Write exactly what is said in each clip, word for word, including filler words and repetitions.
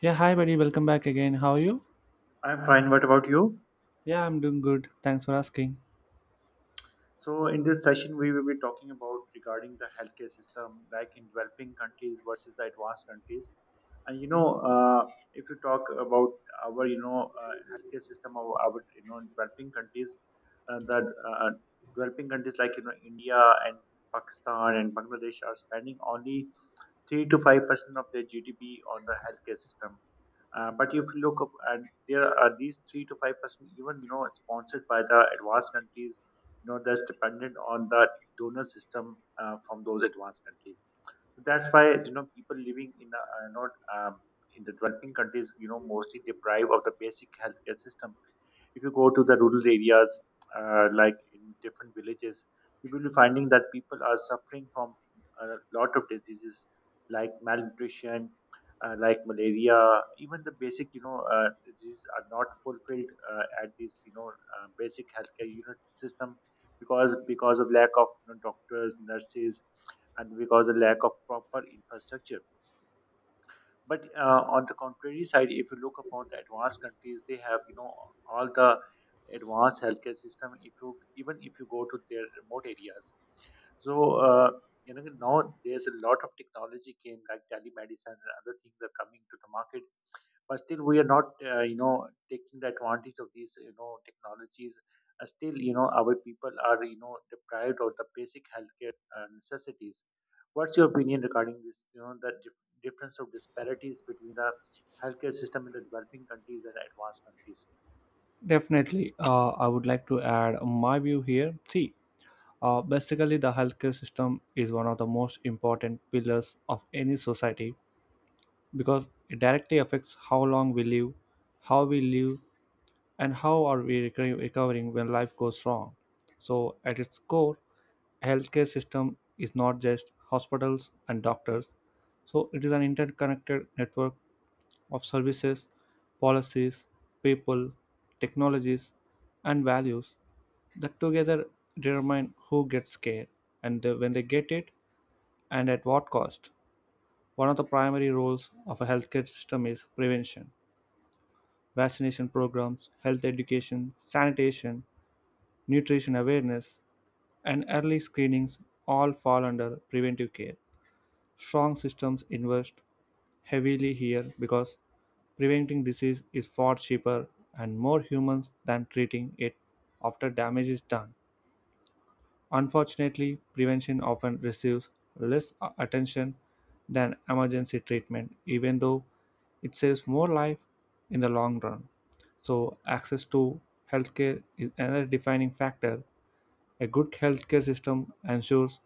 Yeah, hi buddy, welcome back again. How are you? I'm fine. What about you? Yeah, I'm doing good. Thanks for asking. So, in this session, we will be talking about regarding the healthcare system, like in developing countries versus the advanced countries. And you know, uh, if you talk about our, you know, uh, healthcare system of our, you know, developing countries, uh, the uh, developing countries like you know India and Pakistan and Bangladesh are spending only three to five percent of their G D P on the healthcare system. Uh, but if you look up and there are these three to five percent, even you know, sponsored by the advanced countries, you know, that's dependent on the donor system uh, from those advanced countries. So that's why you know people living in the uh, not um, in the developing countries, you know, mostly deprived of the basic healthcare system. If you go to the rural areas, uh, like in different villages, you will be finding that people are suffering from a lot of diseases like malnutrition, uh, like malaria. Even the basic, you know, uh, diseases are not fulfilled uh, at this, you know, uh, basic healthcare unit system because because of lack of you know, doctors, nurses, and because of lack of proper infrastructure. But uh, on the contrary side, if you look upon the advanced countries, they have you know all the advanced healthcare system. If you even if you go to their remote areas, so uh, you know now there's a lot of technology came like telemedicine and other things are coming to the market, but still we are not uh, you know taking the advantage of these you know technologies. Uh, still, you know our people are you know deprived of the basic healthcare uh, necessities. What's your opinion regarding this, you know the dif- difference of disparities between the healthcare system in the developing countries and advanced countries? Definitely, uh, I would like to add my view here. See, uh, basically, the healthcare system is one of the most important pillars of any society because it directly affects how long we live, how we live, and how are we reco- recovering when life goes wrong. So, at its core, healthcare system is not just hospitals and doctors so it is an interconnected network of services, policies, people, technologies, and values that together determine who gets care and the- when they get it and at what cost. One of the primary roles of a healthcare system is prevention. Vaccination programs, health education, sanitation, nutrition awareness, and early screenings all fall under preventive care. Strong systems invest heavily here because preventing disease is far cheaper and more human than treating it after damage is done. Unfortunately, prevention often receives less a- attention than emergency treatment, even though it saves more life in the long run. So, access to healthcare is another defining factor. A good healthcare system ensures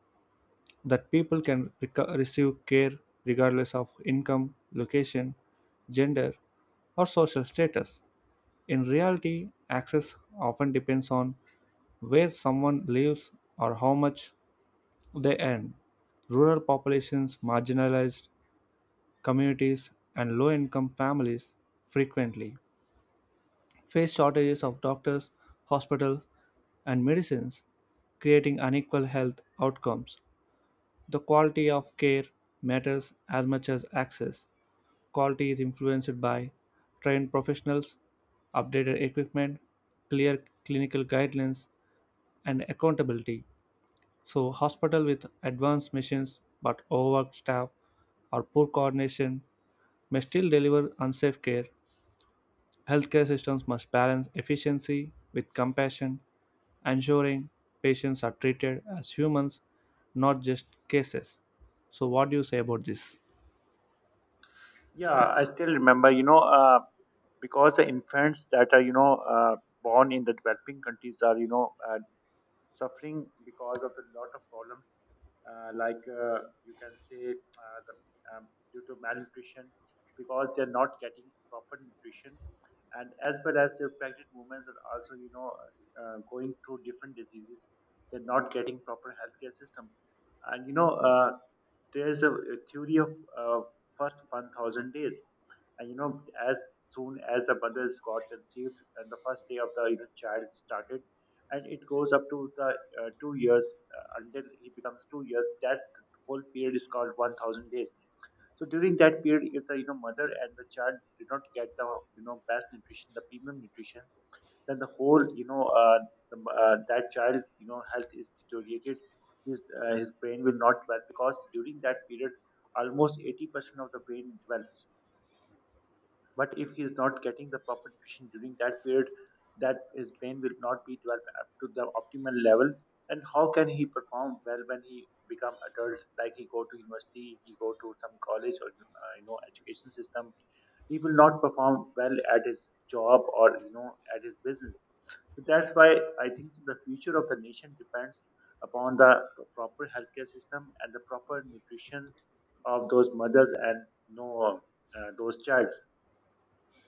that people can reco- receive care regardless of income, location, gender, or social status. In reality, access often depends on where someone lives or how much they earn. Rural populations, marginalized communities, and low income families frequently face shortages of doctors, hospitals, and medicines, creating unequal health outcomes. The quality of care matters as much as access. Quality is influenced by trained professionals, updated equipment, clear clinical guidelines, and accountability. So, hospital with advanced machines but overworked staff or poor coordination may still deliver unsafe care. Healthcare systems must balance efficiency with compassion, ensuring patients are treated as humans, not just cases. So, what do you say about this? Yeah, I still remember, you know uh, because the infants that are you know uh, born in the developing countries are you know uh, suffering because of the lot of problems, uh, like uh, you can say uh, the, um, due to malnutrition, because they're not getting proper nutrition. And as well as the pregnant women are also you know uh, going through different diseases. They're not getting proper healthcare system. And you know uh, there's a, a theory of uh, first one thousand days. And you know as soon as the brothers got conceived and the first day of the you know child started, and it goes up to the uh, two years, uh, until he becomes two years. That whole period is called one thousand days. So during that period, if the you know mother and the child did not get the you know best nutrition, the premium nutrition, then the whole you know uh, the, uh, that child you know health is deteriorated. His uh, his brain will not develop, because during that period almost eighty percent of the brain develops. But if he is not getting the proper nutrition during that period, that his brain will not be developed up to the optimal level. And how can he perform well when he become adult? Like, he go to university, he go to some college or uh, you know education system. He will not perform well at his job or you know at his business. So that's why I think the future of the nation depends upon the proper healthcare system and the proper nutrition of those mothers and, you know, uh, those childs.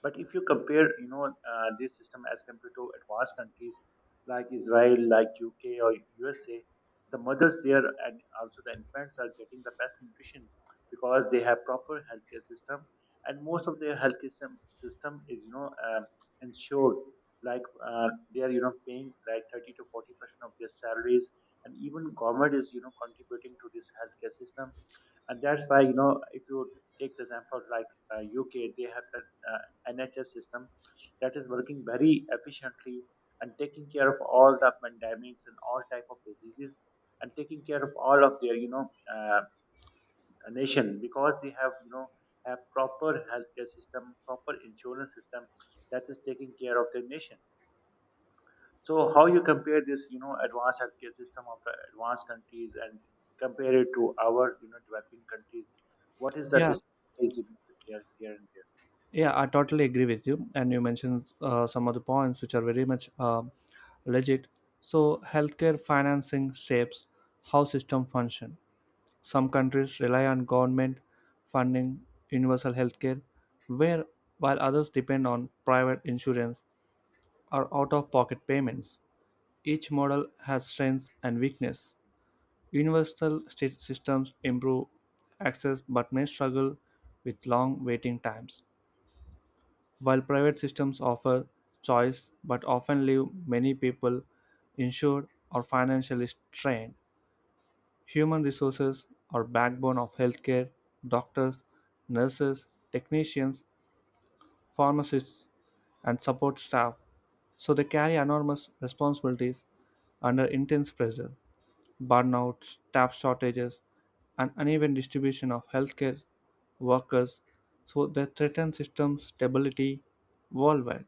But if you compare, you know, uh, this system as compared to advanced countries like Israel, like U K or U S A, the mothers there and also the infants are getting the best nutrition, because they have proper healthcare system, and most of their healthcare system, system is, you know, um ensured. Like, uh, they are, you know, paying like thirty to forty percent of their salaries, and even government is, you know, contributing to this healthcare system. And that's why, you know if you take the example like uh, U K, they have that uh, N H S system that is working very efficiently, and taking care of all the pandemics and all type of diseases, and taking care of all of their, you know uh, nation, because they have you know have proper healthcare system, proper insurance system that is taking care of their nation. So how you compare this, you know, advanced healthcare system of the advanced countries and compare it to our, you know, developing countries? What is the Yeah, disparities you notice there, here and there? yeah, I totally agree with you. And you mentioned uh, some of the points which are very much uh, legit. So, healthcare financing shapes how system function. Some countries rely on government funding universal healthcare, where while others depend on private insurance or out-of-pocket payments. Each model has strengths and weakness. Universal sys- systems improve access but may struggle with long waiting times. While private systems offer choice but often leave many people insured or financially strained, human resources are backbone of healthcare. Doctors, nurses, technicians, pharmacists, and support staff, so they carry enormous responsibilities under intense pressure. Burnout, staff shortages, and uneven distribution of healthcare workers, so they threaten system stability worldwide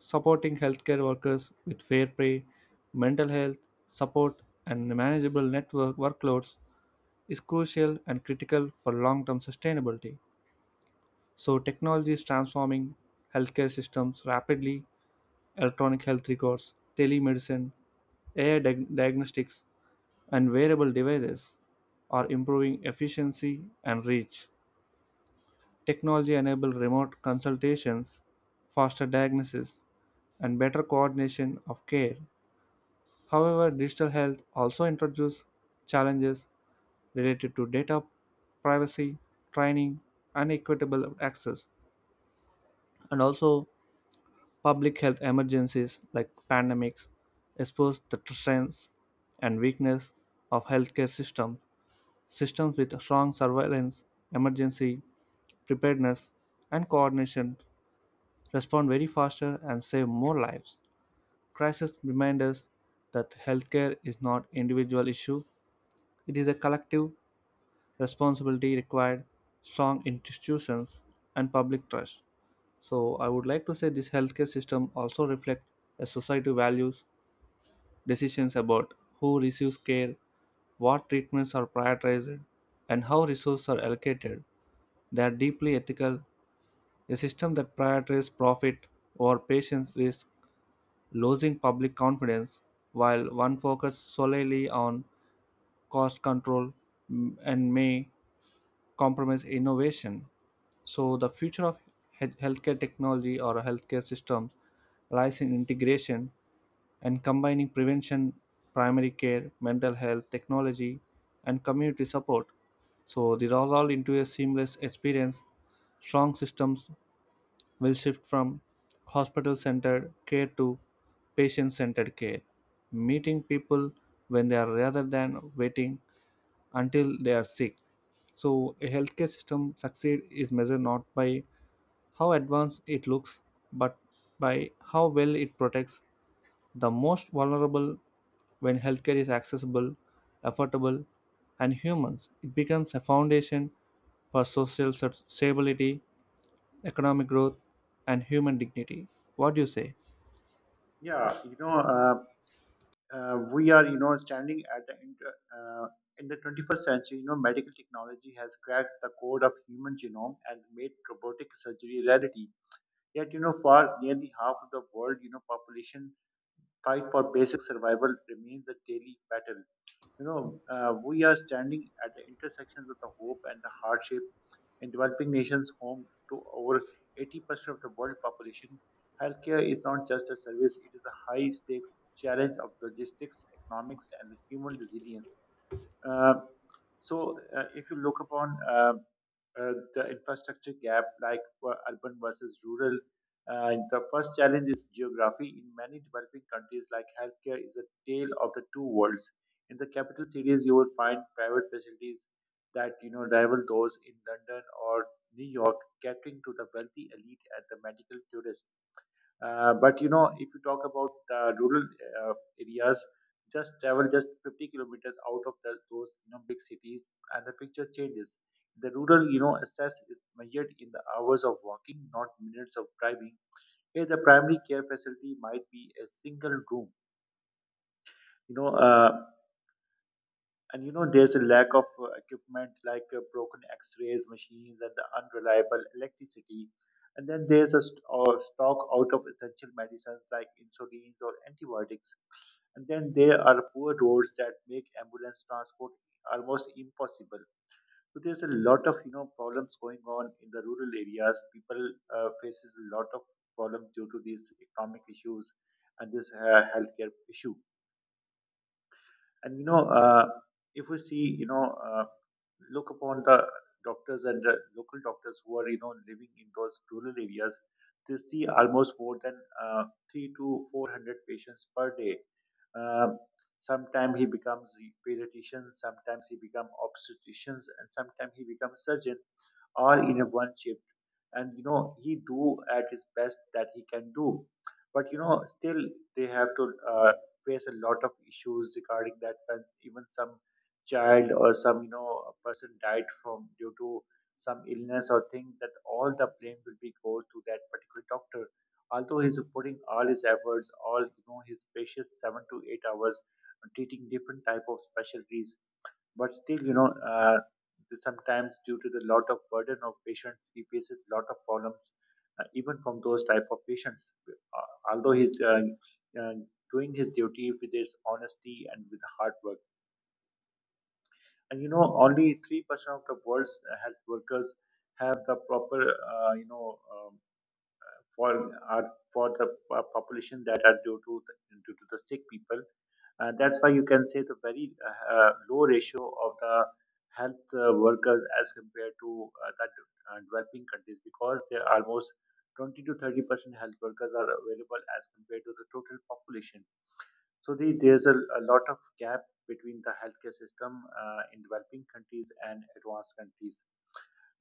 supporting healthcare workers with fair pay, mental health support, and manageable network workloads is crucial and critical for long term sustainability. So, technology is transforming healthcare systems rapidly, electronic health records, telemedicine, A I diag- diagnostics, and wearable devices are improving efficiency and reach. Technology enables remote consultations, faster diagnosis, and better coordination of care. However, digital health also introduces challenges related to data privacy, training, and equitable access, and also public health emergencies like pandemics expose the strengths and weakness of healthcare systems. Systems with strong surveillance, emergency preparedness, and coordination respond very faster and save more lives. Crisis remind us that healthcare is not individual issue; it is a collective responsibility required strong institutions and public trust. So I would like to say this healthcare system also reflects a society values decisions about who receives care, what treatments are prioritized, and how resources are allocated. They are deeply ethical. A system that prioritizes profit over patients risks losing public confidence while one focuses solely on cost control mm, and may compromise innovation. So the future of he- healthcare technology or healthcare systems lies in integration and combining prevention, primary care, mental health, technology, and community support. So these are all into a seamless experience. Strong systems will shift from hospital-centered care to patient-centered care, meeting people when they are rather than waiting until they are sick. So a healthcare system succeed is measured not by how advanced it looks, but by how well it protects the most vulnerable when healthcare is accessible, affordable, and human, it becomes a foundation for social st- stability, economic growth, and human dignity. What do you say? Yeah, you know, uh, uh, we are, you know, standing at the inter, uh, in the twenty-first century. You know, medical technology has cracked the code of human genome and made robotic surgery a reality. Yet, you know, for nearly half of the world, you know, population, fight for basic survival remains a daily battle. You know, uh, we are standing at the intersections of the hope and the hardship in developing nations, home to over eighty percent of the world population. Healthcare is not just a service, it is a high stakes challenge of logistics, economics, and human resilience. Uh, so, uh, if you look upon uh, uh, the infrastructure gap, like uh, urban versus rural, uh, the first challenge is geography. In many developing countries, like, healthcare is a tale of the two worlds. In the capital cities, you will find private facilities that you know rival those in London or New York, catering to the wealthy elite and the medical tourists. Uh, but, you know, if you talk about the rural uh, areas, just travel just fifty kilometers out of the, those you know big cities, and the picture changes. The rural, you know access is measured in the hours of walking, not minutes of driving. Here, the primary care facility might be a single room. You know. Uh, and, you know, there's a lack of uh, equipment, like uh, broken x rays machines and the unreliable electricity. And then there's a st- uh, stock out of essential medicines like insulins or antibiotics. And then there are poor roads that make ambulance transport almost impossible. So there's a lot of you know problems going on in the rural areas. People uh, faces a lot of problems due to these economic issues and this uh, healthcare issue. And, you know, uh, if we see, you know, uh, look upon the doctors and the local doctors who are, you know, living in those rural areas, they see almost more than uh, three to four hundred patients per day. Um Sometimes he becomes pediatrician, sometimes he becomes obstetricians, and sometimes he becomes surgeon, all in a one. And you know he do at his best that he can do, but you know still they have to uh, face a lot of issues regarding that. And even some child or some you know person died from due to some illness or thing, that all the blame will be go to that particular doctor, although he's putting all his efforts, all you know his precious seven to eight hours on treating different type of specialties. But still, you know, uh, the- sometimes due to the lot of burden of patients, he faces lot of problems, uh, even from those type of patients. Uh, although he's uh, uh, doing his duty with his honesty and with hard work. And, you know, only three percent of the world's uh, health workers have the proper, uh, you know. Um, for are for the uh, population that are due to the, due to the sick people. Uh, that's why you can say the very uh, uh, low ratio of the health uh, workers as compared to uh, that uh, developing countries, because there are almost twenty to thirty percent health workers are available as compared to the total population. So the, there's a, a lot of gap between the healthcare system uh, in developing countries and advanced countries.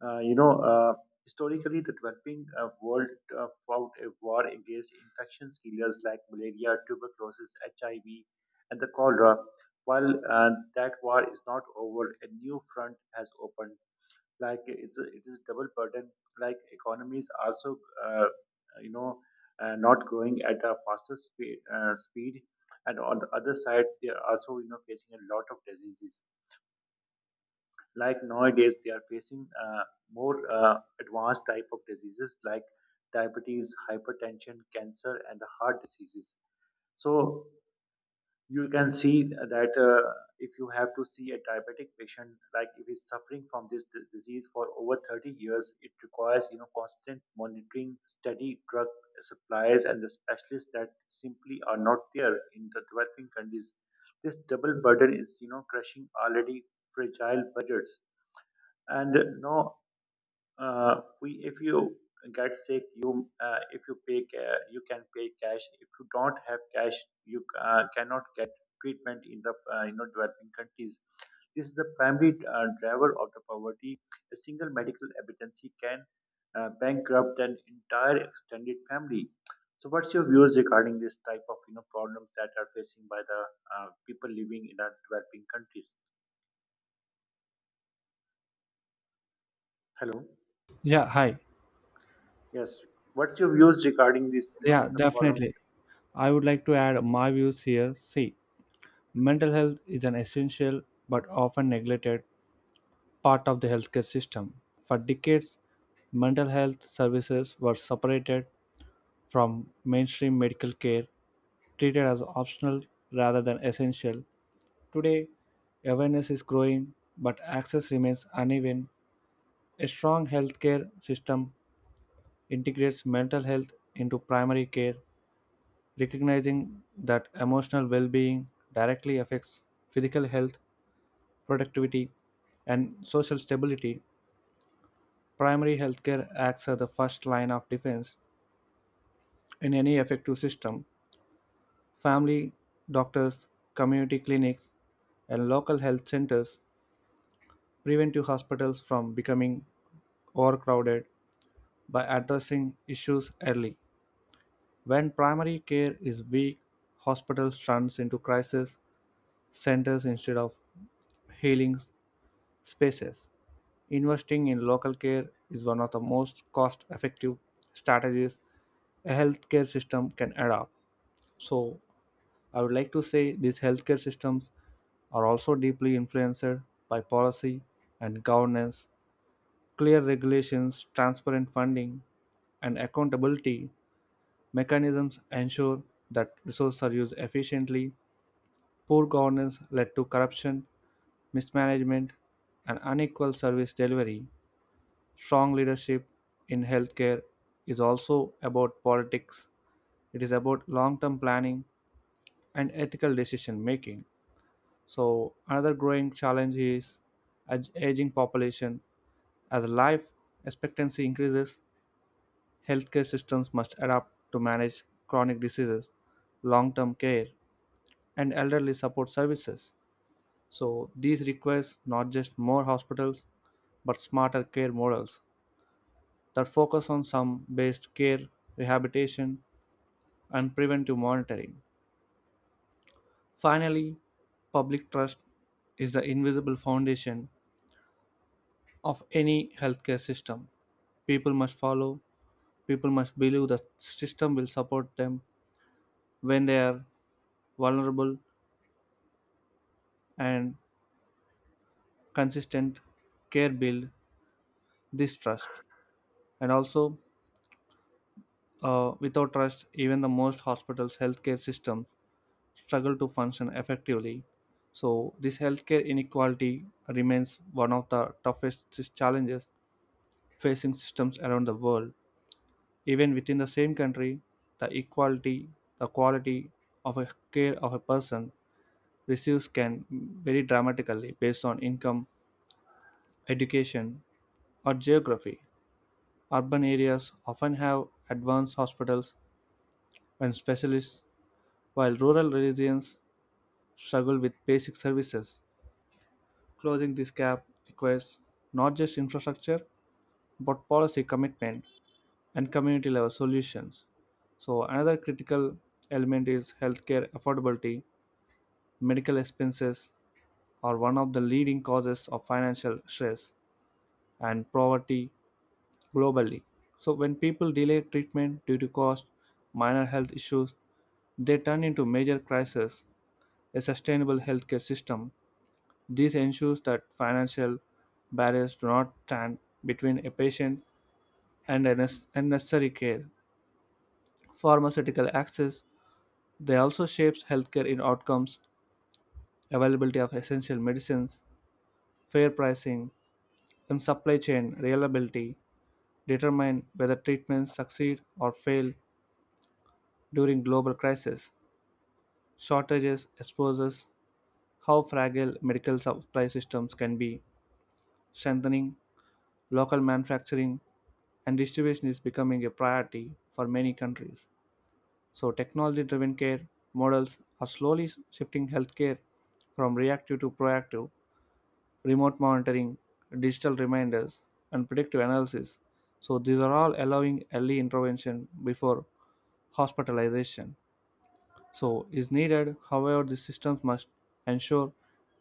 Uh, you know, uh, Historically, the developing uh, world uh, fought a war against infectious killers like malaria, tuberculosis, H I V, and the cholera. While uh, that war is not over, a new front has opened. Like it's a, it is double burden. Like, economies also, uh, you know, uh, not growing at a faster speed, uh, speed. And on the other side, they are also you know facing a lot of diseases. Like, nowadays they are facing uh, more uh, advanced type of diseases like diabetes, hypertension, cancer, and the heart diseases. So you can see that uh, if you have to see a diabetic patient, like if he's suffering from this d- disease for over thirty years, it requires you know constant monitoring, steady drug supplies, and the specialists that simply are not there in the developing countries. This double burden is you know crushing already fragile budgets. And uh, no uh, we if you get sick, you uh, if you pay ca- you can pay cash. If you don't have cash, you uh, cannot get treatment in the uh, you know developing countries. This is the primary uh, driver of the poverty. A single medical emergency can uh, bankrupt an entire extended family. So what's your views regarding this type of you know problems that are facing by the uh, people living in our developing countries? Hello? Yeah, hi. Yes. What's your views regarding this? You Yeah, know, the problem. definitely. I would like to add my views here. See, mental health is an essential but often neglected part of the healthcare system. For decades, mental health services were separated from mainstream medical care, treated as optional rather than essential. Today, awareness is growing, but access remains uneven. A strong healthcare system integrates mental health into primary care, recognizing that emotional well being directly affects physical health, productivity, and social stability. Primary healthcare acts as the first line of defense in any effective system. Family doctors, community clinics, and local health centers prevent your hospitals from becoming overcrowded by addressing issues early. When primary care is weak, hospitals turn into crisis centers instead of healing spaces. Investing in local care is one of the most cost effective strategies a healthcare system can adopt. So, I would like to say these healthcare systems are also deeply influenced by policy and governance. Clear regulations, transparent funding, and accountability mechanisms ensure that resources are used efficiently. Poor governance led to corruption, mismanagement, and unequal service delivery. Strong leadership in healthcare is also about politics. It is about long term planning and ethical decision making. So, another growing challenge is ag- aging population. As life expectancy increases, healthcare systems must adapt to manage chronic diseases, long term care, and elderly support services. So, these requires not just more hospitals but smarter care models that focus on some based care, rehabilitation, and preventive monitoring. Finally, public trust is the invisible foundation of any healthcare system. People must follow, people must believe the system will support them when they are vulnerable, and consistent care build this trust. And also, uh, without trust, even the most hospitals' healthcare systems struggle to function effectively. So, this healthcare inequality remains one of the toughest challenges facing systems around the world. Even within the same country, the equality, the quality of a care of a person receives can vary dramatically based on income, education, or geography. Urban areas often have advanced hospitals and specialists, while rural regions struggle with basic services. Closing this gap requires not just infrastructure but policy commitment and community level solutions. So another critical element is healthcare affordability. Medical expenses are one of the leading causes of financial stress and poverty globally. So when people delay treatment due to cost, minor health issues, they turn into major crises. A sustainable healthcare system this ensures that financial barriers do not stand between a patient and a nec- and necessary care. Pharmaceutical access they also shapes healthcare in outcomes availability of essential medicines, fair pricing, and supply chain reliability determine whether treatments succeed or fail during global crises. Shortages exposes how fragile medical supply systems can be. Strengthening local manufacturing and distribution is becoming a priority for many countries. So, technology driven care models are slowly shifting healthcare from reactive to proactive, remote monitoring, digital reminders, and predictive analysis. So these are all allowing early intervention before hospitalization. So is needed. However, the systems must ensure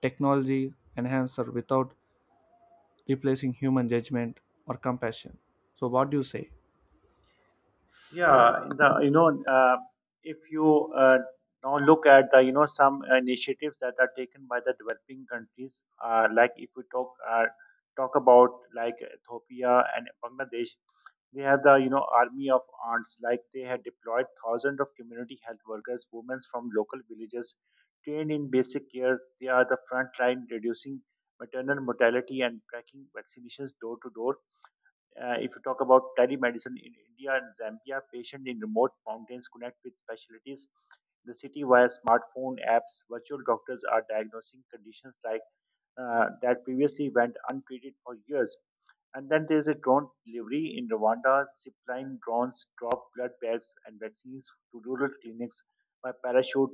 technology enhancer without replacing human judgment or compassion. So what do you say? Yeah, in the you know, uh, if you, uh, now look at the, you know some initiatives that are taken by the developing countries, uh, like if we talk uh, talk about like Ethiopia and Bangladesh, they have the, you know army of ants. Like, they had deployed thousands of community health workers, women from local villages, trained in basic care. They are the front line reducing maternal mortality and tracking vaccinations door to door. Uh, if you talk about telemedicine in India and Zambia, patients in remote mountains connect with specialties in the city via smartphone apps. Virtual doctors are diagnosing conditions like uh, that previously went untreated for years. And then there's a drone delivery in Rwanda. Zipline drones drop blood bags and vaccines to rural clinics by parachute,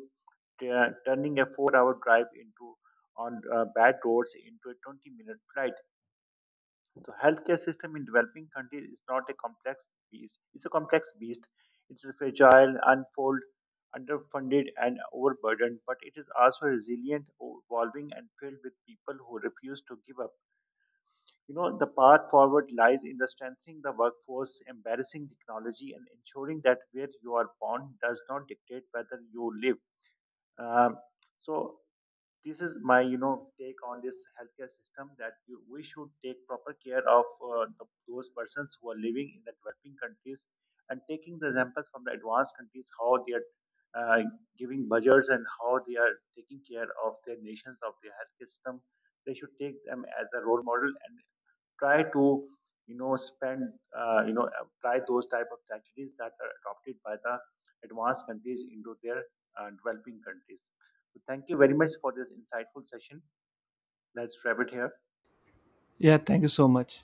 tu- turning a four-hour drive into on uh, bad roads into a twenty-minute flight. The healthcare system in developing countries is not a complex beast. It's a complex beast. It is fragile, unfold, underfunded, and overburdened, but it is also resilient, evolving, and filled with people who refuse to give up. You know, the path forward lies in the strengthening the workforce, embarrassing technology, and ensuring that where you are born does not dictate whether you live. Um, so this is my, you know take on this healthcare system, that you, we should take proper care of, uh, the, those persons who are living in the developing countries, and taking the examples from the advanced countries, how they are uh, giving budgets and how they are taking care of their nations, of their healthcare system. They should take them as a role model and try to you know spend, uh, you know apply those type of strategies that are adopted by the advanced countries into their uh, developing countries. So thank you very much for this insightful session. Let's wrap it here. Yeah, thank you so much.